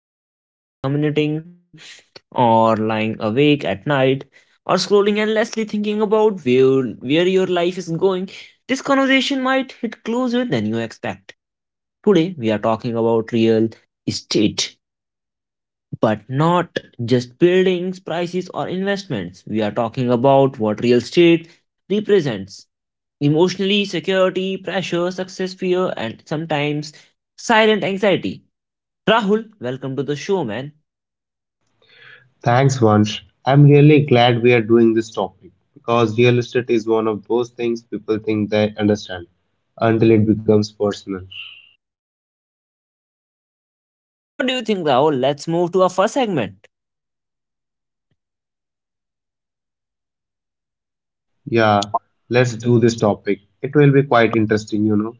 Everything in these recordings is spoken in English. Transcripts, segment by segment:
episode while commuting, or lying awake at night, or scrolling endlessly thinking about where your life is going, this conversation might hit closer than you expect. Today, we are talking about real estate, but not just buildings, prices, or investments. We are talking about what real estate represents emotionally: security, pressure, success, fear, and sometimes silent anxiety. Rahul, welcome to the show, man. Thanks, Vansh. I'm really glad we are doing this topic because real estate is one of those things people think they understand until it becomes personal. So, what do you think, Rahul? Let's move to our first segment. Yeah, let's do this topic. It will be quite interesting, you know.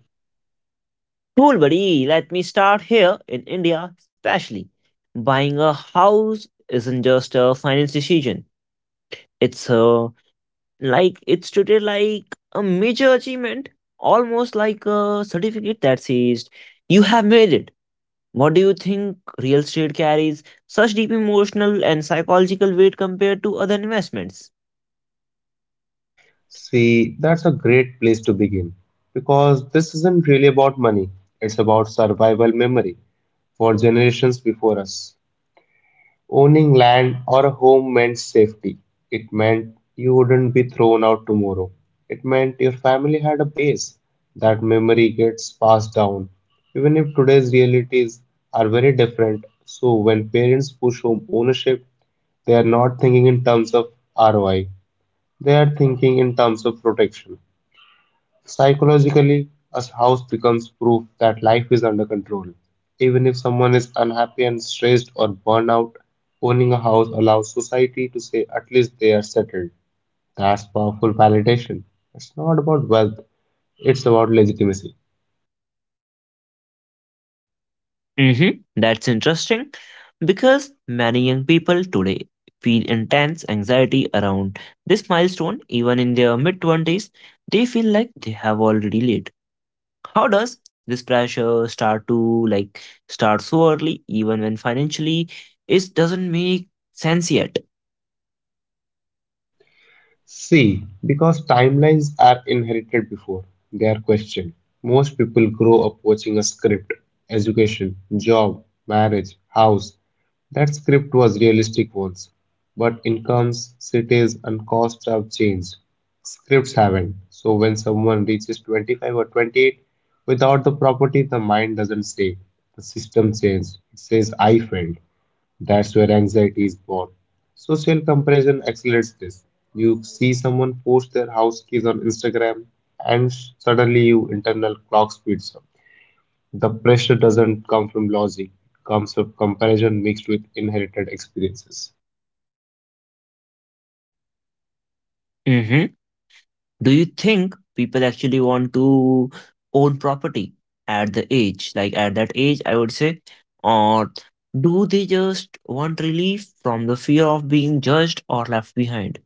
Cool, buddy. Let me start here in India, especially. Buying a house isn't just a finance decision, it's a like it's treated like a major achievement, almost like a certificate that says you have made it. What do you think real estate carries such deep emotional and psychological weight compared to other investments? See, that's a great place to begin because this isn't really about money, it's about survival memory for generations before us. Owning land or a home meant safety. It meant you wouldn't be thrown out tomorrow. It meant your family had a base. That memory gets passed down. Even if today's realities are very different, so when parents push home ownership, they are not thinking in terms of ROI, they are thinking in terms of protection. Psychologically, a house becomes proof that life is under control. Even if someone is unhappy and stressed or burned out, owning a house allows society to say at least they are settled. That's powerful validation. It's not about wealth, it's about legitimacy. Mm-hmm. That's interesting because many young people today feel intense anxiety around this milestone, even in their mid 20s. They feel like they have already laid. How does this pressure start to like start so early, even when financially it doesn't make sense yet? See, because timelines are inherited before they are questioned. Most people grow up watching a script education, job, marriage, house. That script was realistic once, but incomes, cities, and costs have changed. Scripts haven't. So when someone reaches 25 or 28 without the property, the mind doesn't say the system changed. It says I failed. That's where anxiety is born. Social comparison accelerates this. You see someone post their house keys on Instagram, and suddenly your internal clock speeds up. The pressure doesn't come from logic, it comes from comparison mixed with inherited experiences. Hmm. Do you think people actually want to own property at that age, I would say, or do they just want relief from the fear of being judged or left behind?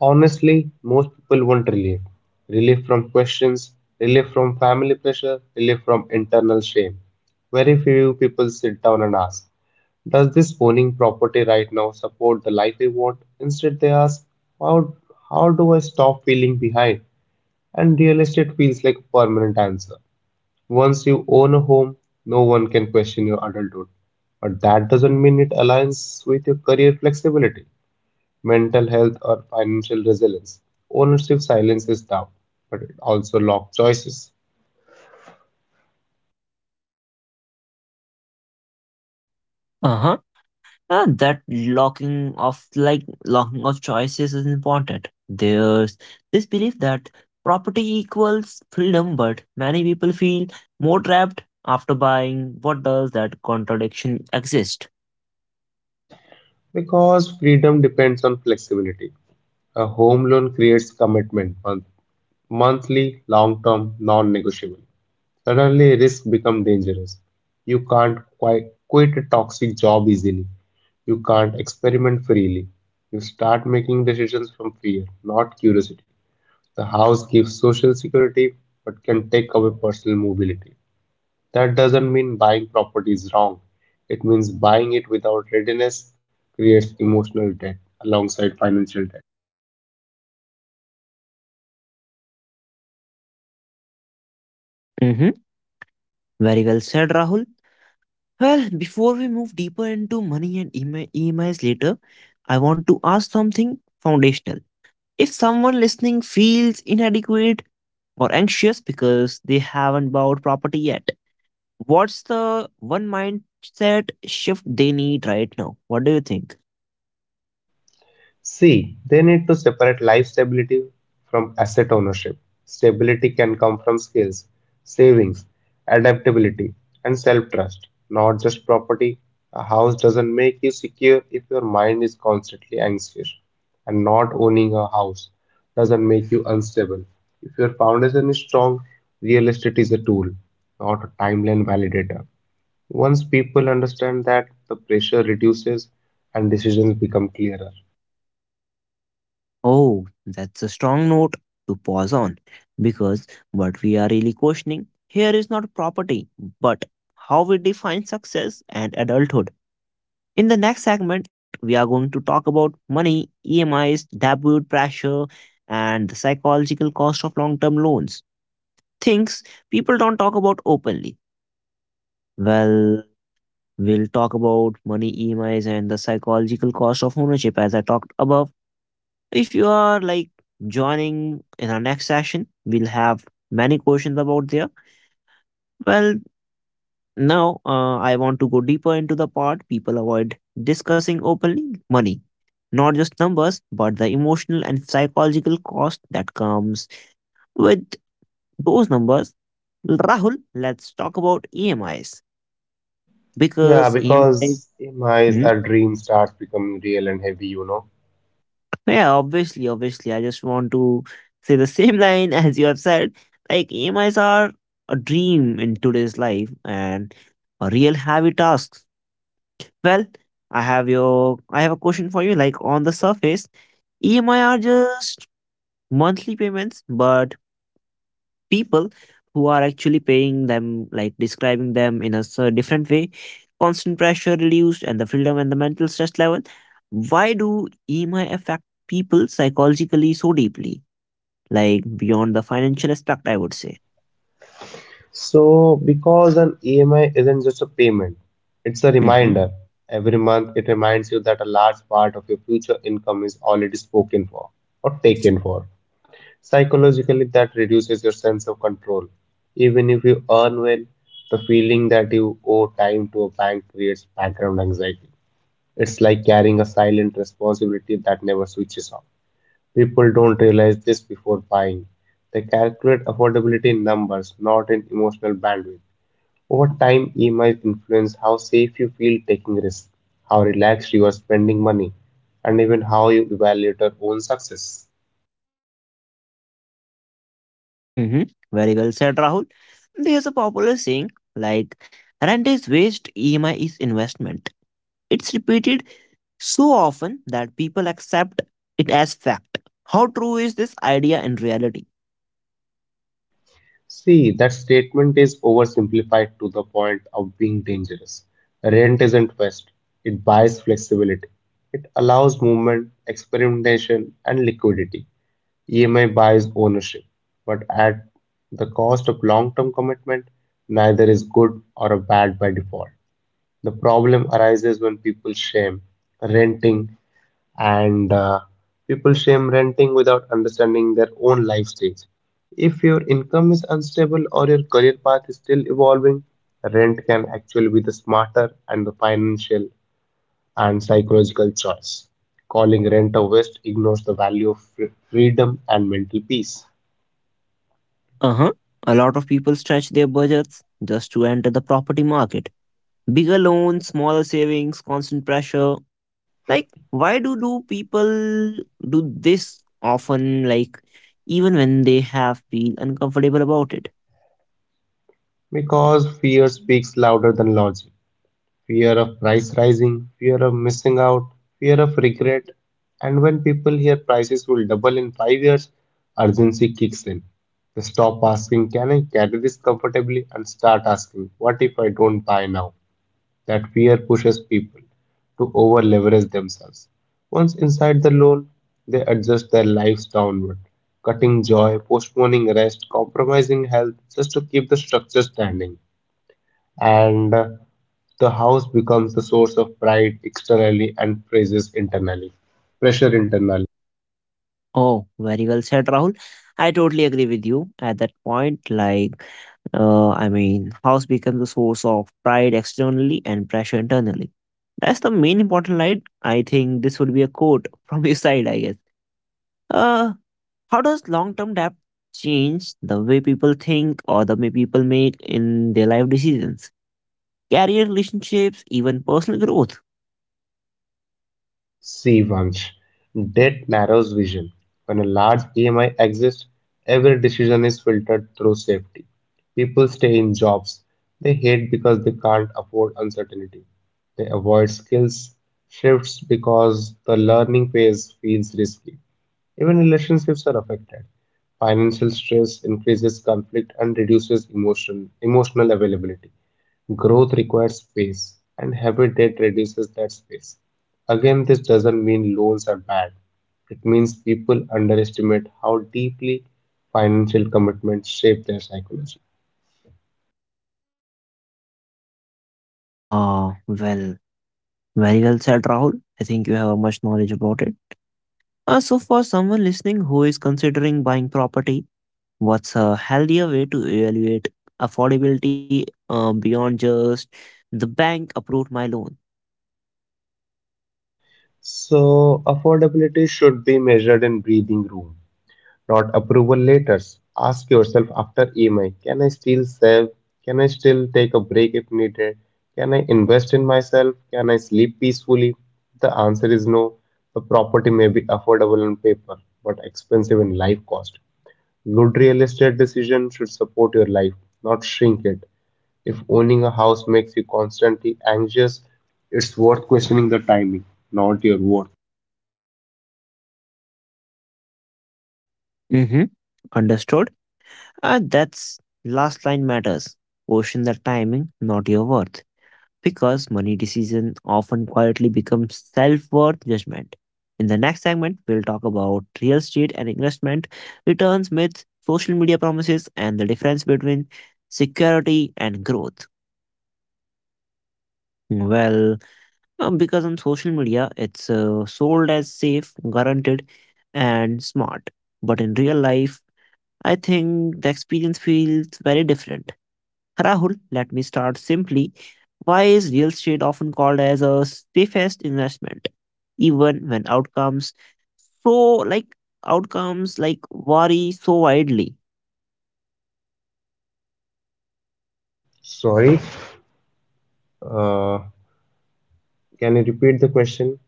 Honestly, most people want relief relief from questions, relief from family pressure, relief from internal shame. Very few people sit down and ask. Does this owning property right now support the life we want? Instead, they ask, how, how do I stop feeling behind? And real estate feels like a permanent answer. Once you own a home, no one can question your adulthood. But that doesn't mean it aligns with your career flexibility, mental health, or financial resilience. Ownership silences doubt, but it also locks choices Uh huh. That locking of choices is important. There's this belief that property equals freedom, but many people feel more trapped after buying. What does that contradiction exist? because freedom depends on flexibility. A home loan creates commitment, but monthly long term non negotiable. Suddenly, risks become dangerous. You can't quite quit a toxic job easily. You can't experiment freely. You start making decisions from fear, not curiosity. The house gives social security but can take away personal mobility. That doesn't mean buying property is wrong. It means buying it without readiness creates emotional debt alongside financial debt. Mm-hmm. Very well said, Rahul. Well, before we move deeper into money and EMIs later, I want to ask something foundational. If someone listening feels inadequate or anxious because they haven't bought property yet, what's the one mindset shift they need right now? What do you think? See, they need to separate life stability from asset ownership. Stability can come from skills, savings, adaptability, and self trust, not just property. A house doesn't make you secure if your mind is constantly anxious, and not owning a house doesn't make you unstable. If your foundation is strong, real estate is a tool, not a timeline validator. Once people understand that, the pressure reduces and decisions become clearer. Oh, that's a strong note to pause on, because what we are really questioning here is not property, but how we define success and adulthood. In the next segment, we are going to talk about money, EMIs, debut pressure, and the psychological cost of long term loans. Things people don't talk about openly. Well, we'll talk about money, EMIs, and the psychological cost of ownership as I talked above. If you are like joining in our next session, we'll have many questions about there. Well, now I want to go deeper into the part people avoid discussing openly: money. Not just numbers, but the emotional and psychological cost that comes with those numbers. Rahul, let's talk about EMIs, Yeah, because EMIs. because EMI is a dream starts becoming real and heavy, you know. Yeah, obviously. I just want to say the same line as you have said. Like, EMIs are a dream in today's life and a real heavy task. Well, I have a question for you. Like, on the surface, EMI are just monthly payments, but people who are actually paying them, like describing them in a so different way. Constant pressure reduced and the freedom and the mental stress level. Why do EMI affect people psychologically so deeply? Like, beyond the financial aspect, I would say. So, because an EMI isn't just a payment, it's a Hmm. reminder. Every month, it reminds you that a large part of your future income is already spoken for or taken for. Psychologically, that reduces your sense of control. Even if you earn well, the feeling that you owe time to a bank creates background anxiety. It's like carrying a silent responsibility that never switches off. People don't realize this before buying. They calculate affordability in numbers, not in emotional bandwidth. Over time, EMIs influence how safe you feel taking risks, how relaxed you are spending money, and even how you evaluate your own success. Hmm. Very well said, Rahul. There's a popular saying, like rent is waste, EMI is investment. It's repeated so often that people accept it as fact. How true is this idea in reality? See, that statement is oversimplified to the point of being dangerous. Rent isn't waste, it buys flexibility. It allows movement, experimentation, and liquidity. EMI buys ownership, but at the cost of long term commitment, neither is good or a bad by default. The problem arises when people shame renting, and people shame renting without understanding their own life stage. If your income is unstable or your career path is still evolving, rent can actually be the smarter and the financial and psychological choice. Calling rent a waste ignores the value of freedom and mental peace Uh-huh. A lot of people stretch their budgets just to enter the property market. Bigger loans, smaller savings, constant pressure. Like, why do people do this often? Like, even when they have feel uncomfortable about it. because fear speaks louder than logic. Fear of price rising, fear of missing out, fear of regret. And when people hear prices will double in 5 years, urgency kicks in. They stop asking, can I carry this comfortably? And start asking, what if I don't buy now? That fear pushes people to over leverage themselves. Once inside the loan, they adjust their lives downward, cutting joy, postponing rest, compromising health just to keep the structure standing and the house becomes the source of pride externally and praises internally. Pressure internally. Oh, very well said, Rahul. I totally agree with you at that point. Like, I mean, house becomes a source of pride externally and pressure internally. That's the main important line. I think this would be a quote from your side, I guess. Uh, how does long-term debt change the way people think, or the way people make in their life decisions: career, relationships, even personal growth? C. Vansh. Debt narrows vision. When a large EMI exists, every decision is filtered through safety. People stay in jobs they hate because they can't afford uncertainty. They avoid skills shifts because the learning phase feels risky. Even relationships are affected. Financial stress increases conflict and reduces emotional availability. Growth requires space, and habit debt reduces that space. Again, this doesn't mean loans are bad. It means people underestimate how deeply financial commitments shape their psychology. Well, very well said, Rahul. I think you have a much knowledge about it. So for someone listening who is considering buying property, what's a healthier way to evaluate affordability, beyond just the bank approved my loan? So, affordability should be measured in breathing room not approval letters. Ask yourself after EMI can I still save? Can I still take a break if needed? Can I invest in myself? Can I sleep peacefully? The answer is no. The property may be affordable on paper, but expensive in life cost. Good real estate decision should support your life, not shrink it. If owning a house makes you constantly anxious, it's worth questioning the timing, not your worth. Hmm. Understood? And that's last line matters. Question the timing, not your worth. Because money decision often quietly becomes self-worth judgment. In the next segment, we'll talk about real estate and investment, returns, myths, social media promises, and the difference between security and growth. Well, because on social media, it's sold as safe, guaranteed, and smart. But in real life, I think the experience feels very different. Rahul, let me start simply. Why is real estate often called as a safest investment, even when so like outcomes vary so widely? Sorry, uh, can you repeat the question?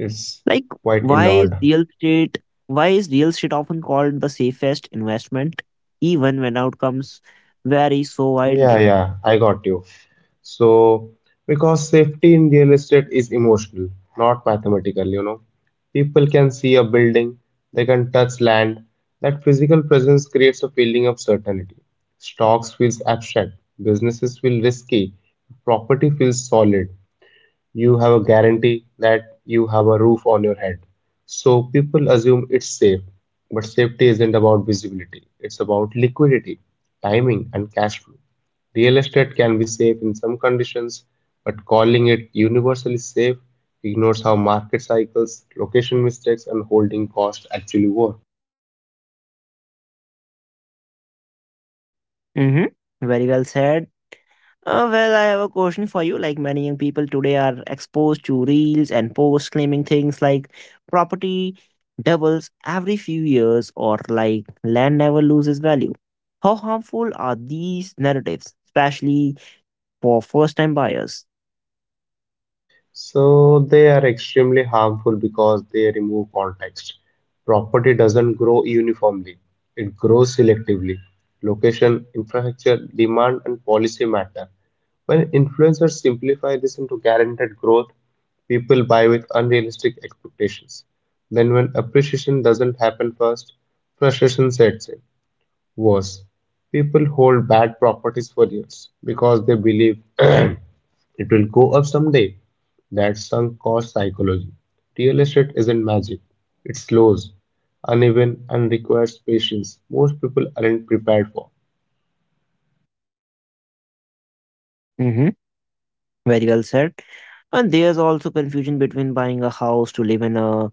It's Like, quite why is ignored. real estate why is real estate often called the safest investment, even when outcomes vary so Yeah, wildly? yeah, I got you. So, because safety in real estate is emotional, not mathematical, you know. People can see a building, they can touch land. That physical presence creates a feeling of certainty. Stocks feels abstract, businesses feel risky, property feels solid. You have a guarantee that you have a roof on your head. So people assume it's safe, but safety isn't about visibility, it's about liquidity, timing, and cash flow. Real estate can be safe in some conditions, but calling it universally safe ignores how market cycles, location mistakes, and holding costs actually work. Mm-hmm. Very well said. Well, I have a question for you. Like, many young people today are exposed to reels and posts claiming things like property doubles every few years, or like land never loses value. How harmful are these narratives, especially for first time buyers? So they are extremely harmful because they remove context. Property doesn't grow uniformly, it grows selectively. Location, infrastructure, demand, and policy matter. When influencers simplify this into guaranteed growth, people buy with unrealistic expectations. Then, when appreciation doesn't happen first, frustration sets in. Worse, people hold bad properties for years because they believe it will go up someday. That's sunk cost psychology. Real estate isn't magic, it's slows, uneven, and requires patience most people aren't prepared for. Mm-hmm. Very well said. And there's also confusion between buying a house to live in, a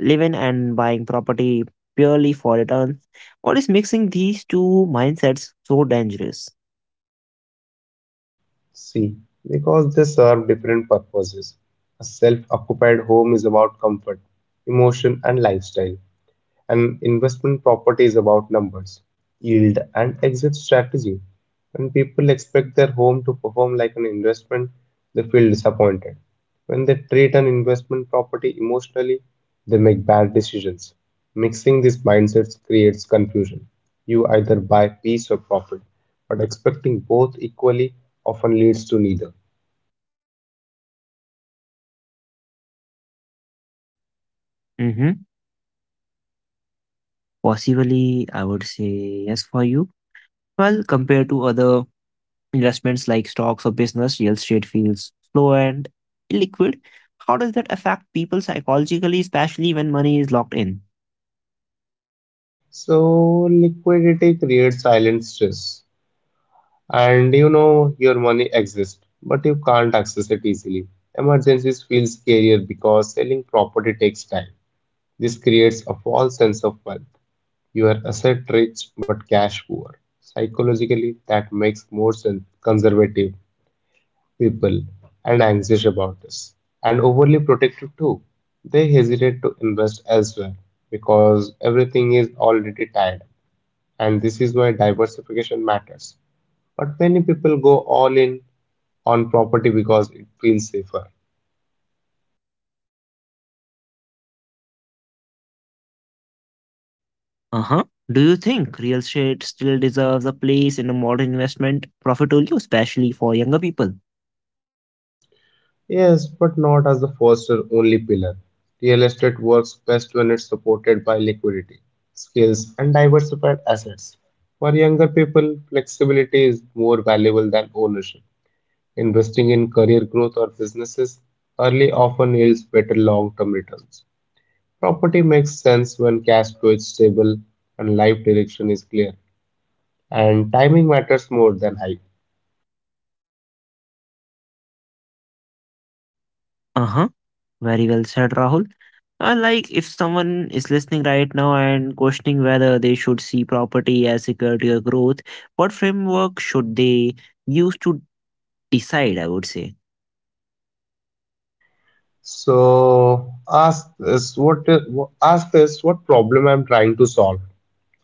living, and buying property purely for returns? What is mixing these two mindsets so dangerous? See, because they serve different purposes. A self occupied home is about comfort, emotion, and lifestyle. An investment property is about numbers, yield, and exit strategy. When people expect their home to perform like an investment, they feel disappointed. When they treat an investment property emotionally, they make bad decisions. Mixing these mindsets creates confusion. You either buy peace or profit, but expecting both equally often leads to neither. Mm-hmm. Possibly, I would say yes for you. Well, compared to other investments like stocks or business, real estate feels slow and illiquid. How does that affect people psychologically, especially when money is locked in? So, liquidity creates silent stress. And you know your money exists, but you can't access it easily. Emergencies feel scarier because selling property takes time. This creates a false sense of wealth. You are asset rich but cash poor. Psychologically, that makes more conservative people and anxious about this, and overly protective too. They hesitate to invest elsewhere because everything is already tied up, and this is why diversification matters. But many people go all in on property because it feels safer. Uh huh. Do you think real estate still deserves a place in a modern investment portfolio, especially for younger people? Yes, but not as the first or only pillar. Real estate works best when it's supported by liquidity, skills, and diversified assets. For younger people, flexibility is more valuable than ownership. Investing in career growth or businesses early often yields better long term returns. Property makes sense when cash flow is stable and life direction is clear, and timing matters more than hype. Uh huh. Very well said, Rahul. Like, if someone is listening right now and questioning whether they should see property as security or growth, what framework should they use to decide? I would say. So ask this what problem I'm trying to solve.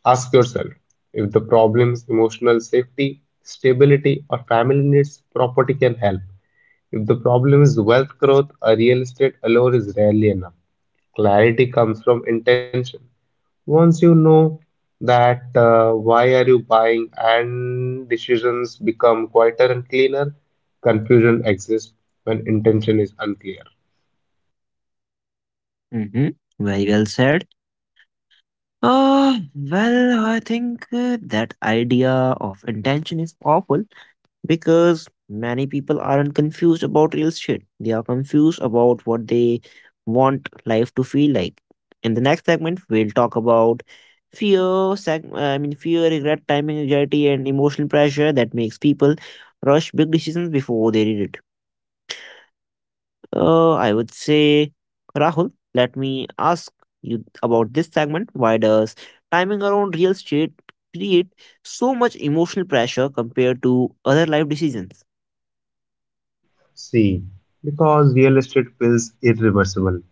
Ask yourself if the problem is emotional safety, stability, or family needs, property can help. If the problem is wealth growth, a real estate alone is rarely enough. Clarity comes from intention. Once you know that why are you buying and decisions become quieter and cleaner, confusion exists when intention is unclear. Hmm. Very well said. Well, I think that idea of intention is powerful. Because many people aren't confused about real shit. They are confused about what they want life to feel like. In the next segment, we'll talk about fear, I mean fear, regret, timing anxiety, and emotional pressure that makes people rush big decisions before they need it. I would say, Rahul, let me ask you about this segment. Why does timing around real shit create so much emotional pressure compared to other life decisions? C because real estate feels irreversible.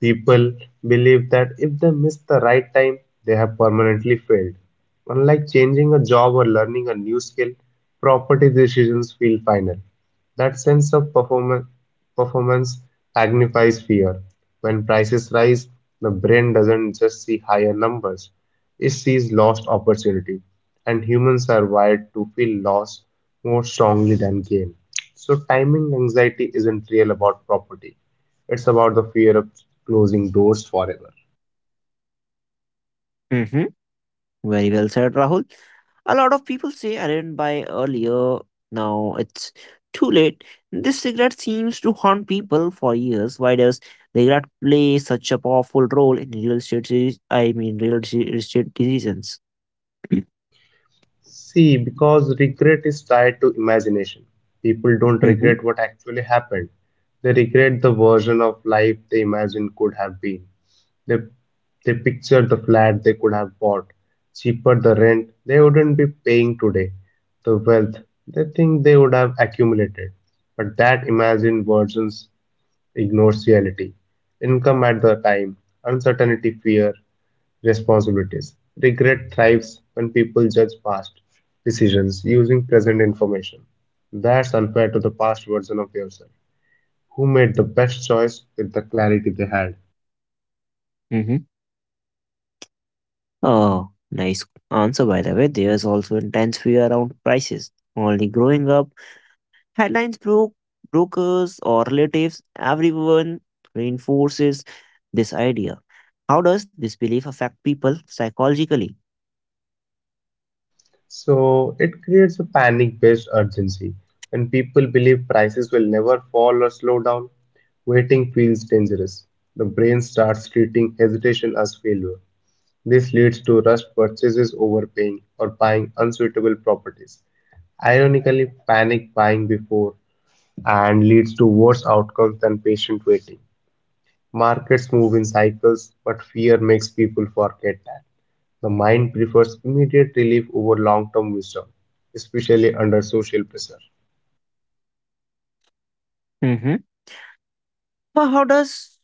People believe that if they miss the right time, they have permanently failed. Unlike changing a job or learning a new skill, property decisions feel final. That sense of performance magnifies fear. When prices rise, the brain doesn't just see higher numbers, it sees lost opportunity. And humans are wired to feel loss more strongly than gain. So, timing anxiety isn't real about property. It's about the fear of closing doors forever. Very well said, Rahul. A lot of people say I didn't buy earlier. Now it's too late. This regret seems to haunt people for years. Why does regret play such a powerful role in real estate? I mean, real estate decisions. See, because regret is tied to imagination. People don't Mm-hmm. regret what actually happened, they regret the version of life they imagine could have been. They, they picture the flat they could have bought, cheaper the rent they wouldn't be paying today, the wealth they think they would have accumulated. But that imagined versions ignores reality, income at the time, uncertainty, fear, responsibilities. Regret thrives when people judge past decisions using present information. That's unfair to the past version of yourself, who made the best choice with the clarity they had. Mm-hmm. Oh, nice answer, by the way. There's also intense fear around prices. Only growing up. Headlines broke, brokers or relatives, everyone reinforces this idea. How does this belief affect people psychologically? So it creates a panic based urgency. When people believe prices will never fall or slow down, waiting feels dangerous. The brain starts treating hesitation as failure. This leads to rushed purchases, overpaying, or buying unsuitable properties. Ironically, panic buying before and leads to worse outcomes than patient waiting. Markets move in cycles, but fear makes people forget that. The mind prefers immediate relief over long term wisdom, especially under social pressure. Hmm. Well, how does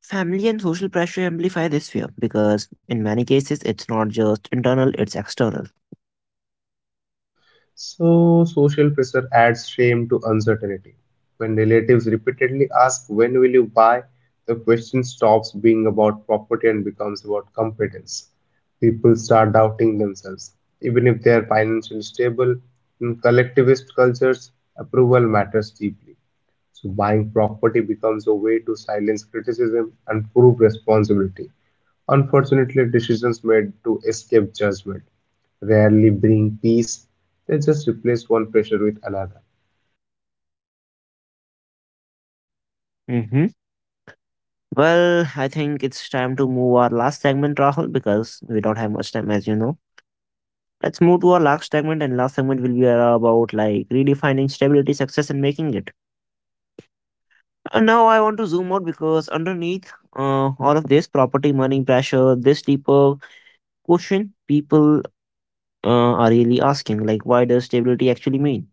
family and social pressure amplify this fear? Because in many cases, it's not just internal, it's external. So, social pressure adds shame to uncertainty. When relatives repeatedly ask, "When will you buy?" the question stops being about property and becomes about competence. People start doubting themselves, even if they are financially stable. In collectivist cultures, approval matters deeply. So buying property becomes a way to silence criticism and prove responsibility. Unfortunately, decisions made to escape judgment rarely bring peace, they just replace one pressure with another. Hmm. Well, I think it's time to move our last segment, Rahul, because we don't have much time, as you know. Let's move to our last segment, and last segment will be about, like, redefining stability, success, and making it. Now I want to zoom out, because underneath all of this property money pressure, this deeper question people are really asking, like, why does stability actually mean?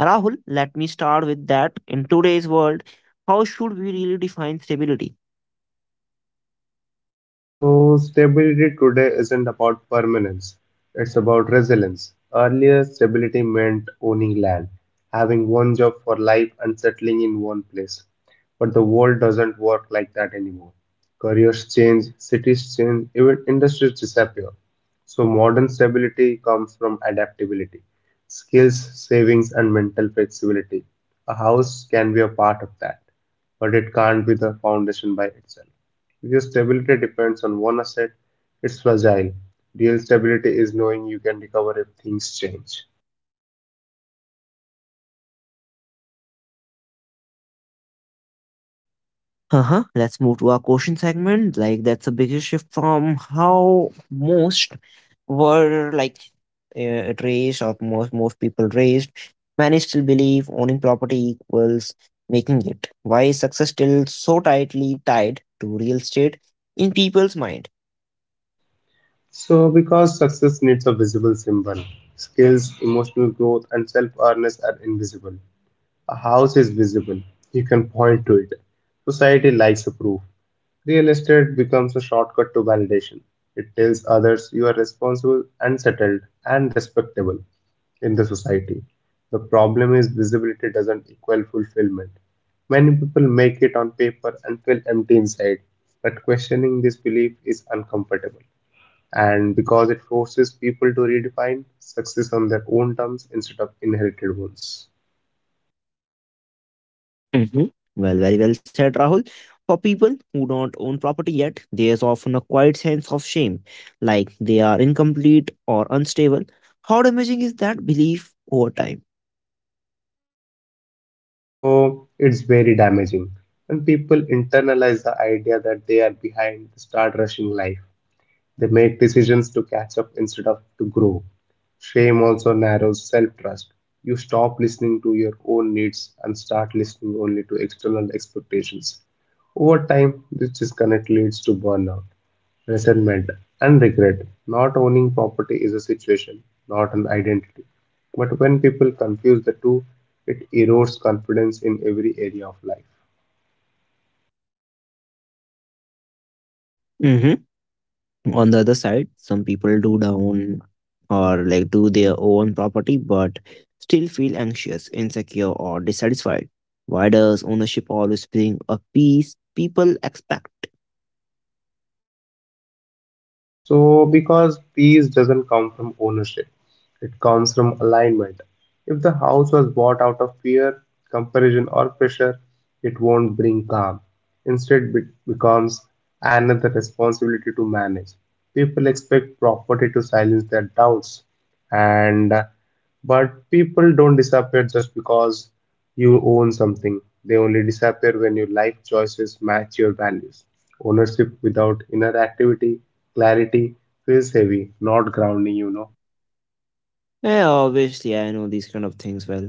Rahul, let me start with that. In today's world, how should we really define stability? So, stability today isn't about permanence, it's about resilience. Earlier, stability meant owning land, having one job for life, and settling in one place. But the world doesn't work like that anymore. Careers change, cities change, even industries disappear. So, modern stability comes from adaptability, skills, savings, and mental flexibility. A house can be a part of that, but it can't be the foundation by itself. Because stability depends on one asset, it's fragile. Real stability is knowing you can recover if things change. Uh-huh. Let's move to our question segment. Like, that's a bigger shift from how most were like raised, or most people raised, many still believe owning property equals making it. Why is success still so tightly tied to real estate in people's mind? So, because success needs a visible symbol, skills, emotional growth, and self awareness are invisible. A house is visible, you can point to it. Society likes a proof. Real estate becomes a shortcut to validation. It tells others you are responsible and settled and respectable in the society. The problem is visibility doesn't equal fulfillment. Many people make it on paper and feel empty inside, but questioning this belief is uncomfortable. And because it forces people to redefine success on their own terms instead of inherited ones. Hmm. Well, very well said, Rahul. For people who don't own property yet, there's often a quiet sense of shame, like they are incomplete or unstable. How damaging is that belief over time? So it's very damaging. And people internalize the idea that they are behind, start rushing life. They make decisions to catch up instead of to grow. Shame also narrows self trust. You stop listening to your own needs and start listening only to external expectations. Over time, this disconnect leads to burnout, resentment, and regret. Not owning property is a situation, not an identity. But when people confuse the two, it erodes confidence in every area of life. Mhm. On the other side, some people do down, or like do their own property, but still feel anxious, insecure, or dissatisfied. Why does ownership always bring a peace people expect? So, because peace doesn't come from ownership, it comes from alignment. If the house was bought out of fear, comparison, or pressure, it won't bring calm. Instead, it becomes another responsibility to manage. People expect property to silence their doubts, and but people don't disappear just because. You own something. They only disappear when your life choices match your values. Ownership without inner activity, clarity, feels heavy, not grounding. Yeah, obviously I know these kind of things well.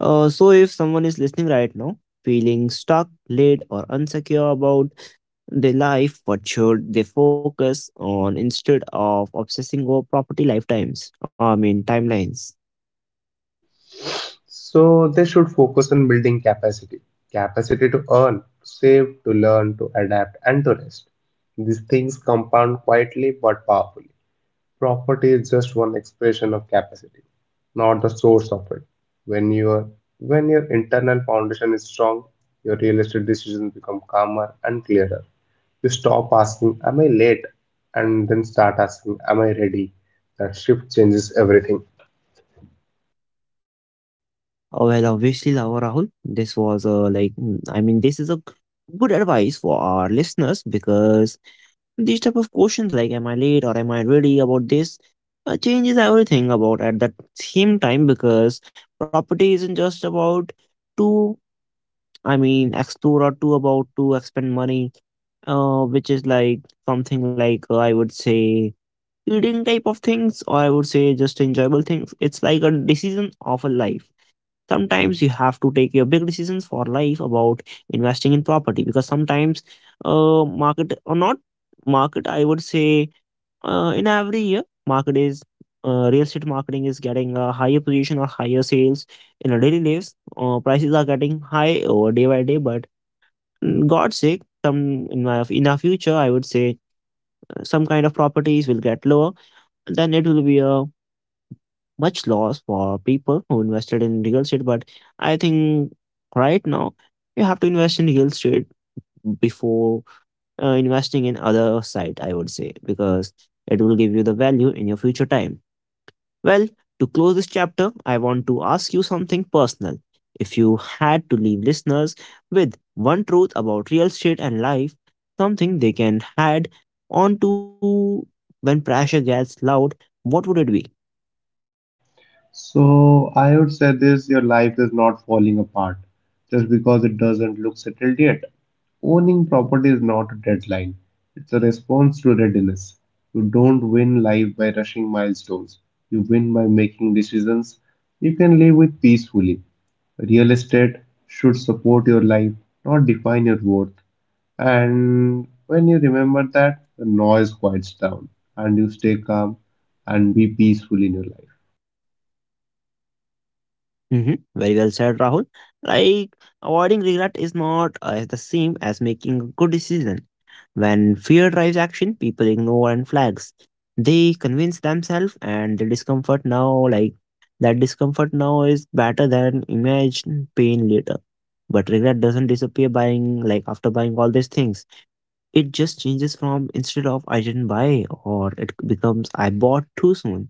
So if someone is listening right now feeling stuck, late, or insecure about their life, what should they focus on instead of obsessing over property lifetimes, I mean timelines? So they should focus on building capacity. Capacity to earn, to save, to learn, to adapt, and to rest. These things compound quietly but powerfully. Property is just one expression of capacity, not the source of it. When your when your internal foundation is strong, your real estate decisions become calmer and clearer. You stop asking, "Am I late?" and then start asking, "Am I ready?" That shift changes everything. Well, obviously, Lava Rahul, this was a like, I mean, this is a good advice for our listeners, because these type of questions like, am I late or am I ready about this, changes everything about at that same time, because property isn't just about to, I mean, explore, or to about to expend money, which is like something like I would say eating type of things, or I would say just enjoyable things. It's like a decision of a life. Sometimes you have to take your big decisions for life about investing in property, because sometimes market, or not market, I would say, in every year market is real estate marketing is getting a higher position or higher sales in our daily lives. Prices are getting high over day by day, but, god's sake, some in our future, I would say, some kind of properties will get lower, then it will be a much loss for people who invested in real estate. But I think right now you have to invest in real estate before investing in other site, I would say, because it will give you the value in your future time. Well, to close this chapter, I want to ask you something personal. If you had to leave listeners with one truth about real estate and life, something they can add on to when pressure gets loud, what would it be? So I would say this, your life is not falling apart just because it doesn't look settled yet. Owning property is not a deadline, it's a response to readiness. You don't win life by rushing milestones, you win by making decisions you can live with peacefully. Real estate should support your life, not define your worth. And when you remember that, the noise quiets down and you stay calm and be peaceful in your life. Mm-hmm. Very well said, Rahul. Like, avoiding regret is not the same as making a good decision. When fear drives action, people ignore and flags. They convince themselves and the discomfort now, like, that discomfort now is better than imagined pain later. But regret doesn't disappear buying, like, after buying all these things. It just changes from instead of I didn't buy, or it becomes I bought too soon,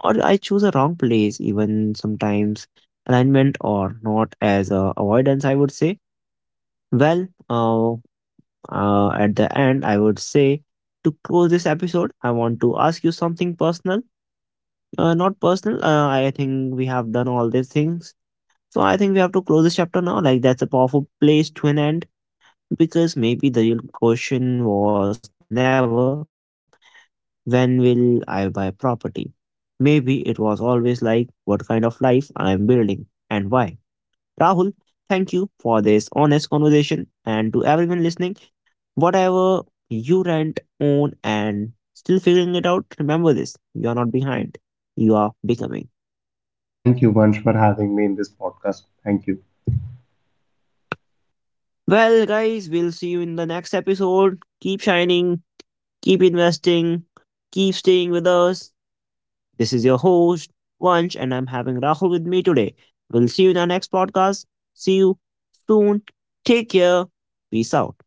or I choose a wrong place, even sometimes alignment or not as a avoidance, I would say. Well, at the end, I would say to close this episode, I want to ask you something personal. Not personal, I think we have done all these things. So I think we have to close this chapter now. Like, that's a powerful place to an end, because maybe the real question was never when will I buy property? Maybe it was always like what kind of life I am building and why. Rahul, thank you for this honest conversation. And to everyone listening, whatever you rent, own, and still figuring it out, remember this: you are not behind, you are becoming. Thank you, Vansh, for having me in this podcast. Thank you. Well, guys, we'll see you in the next episode. Keep shining, keep investing, keep staying with us. This is your host, Vansh, and I'm having Rahul with me today. We'll see you in our next podcast. See you soon. Take care. Peace out.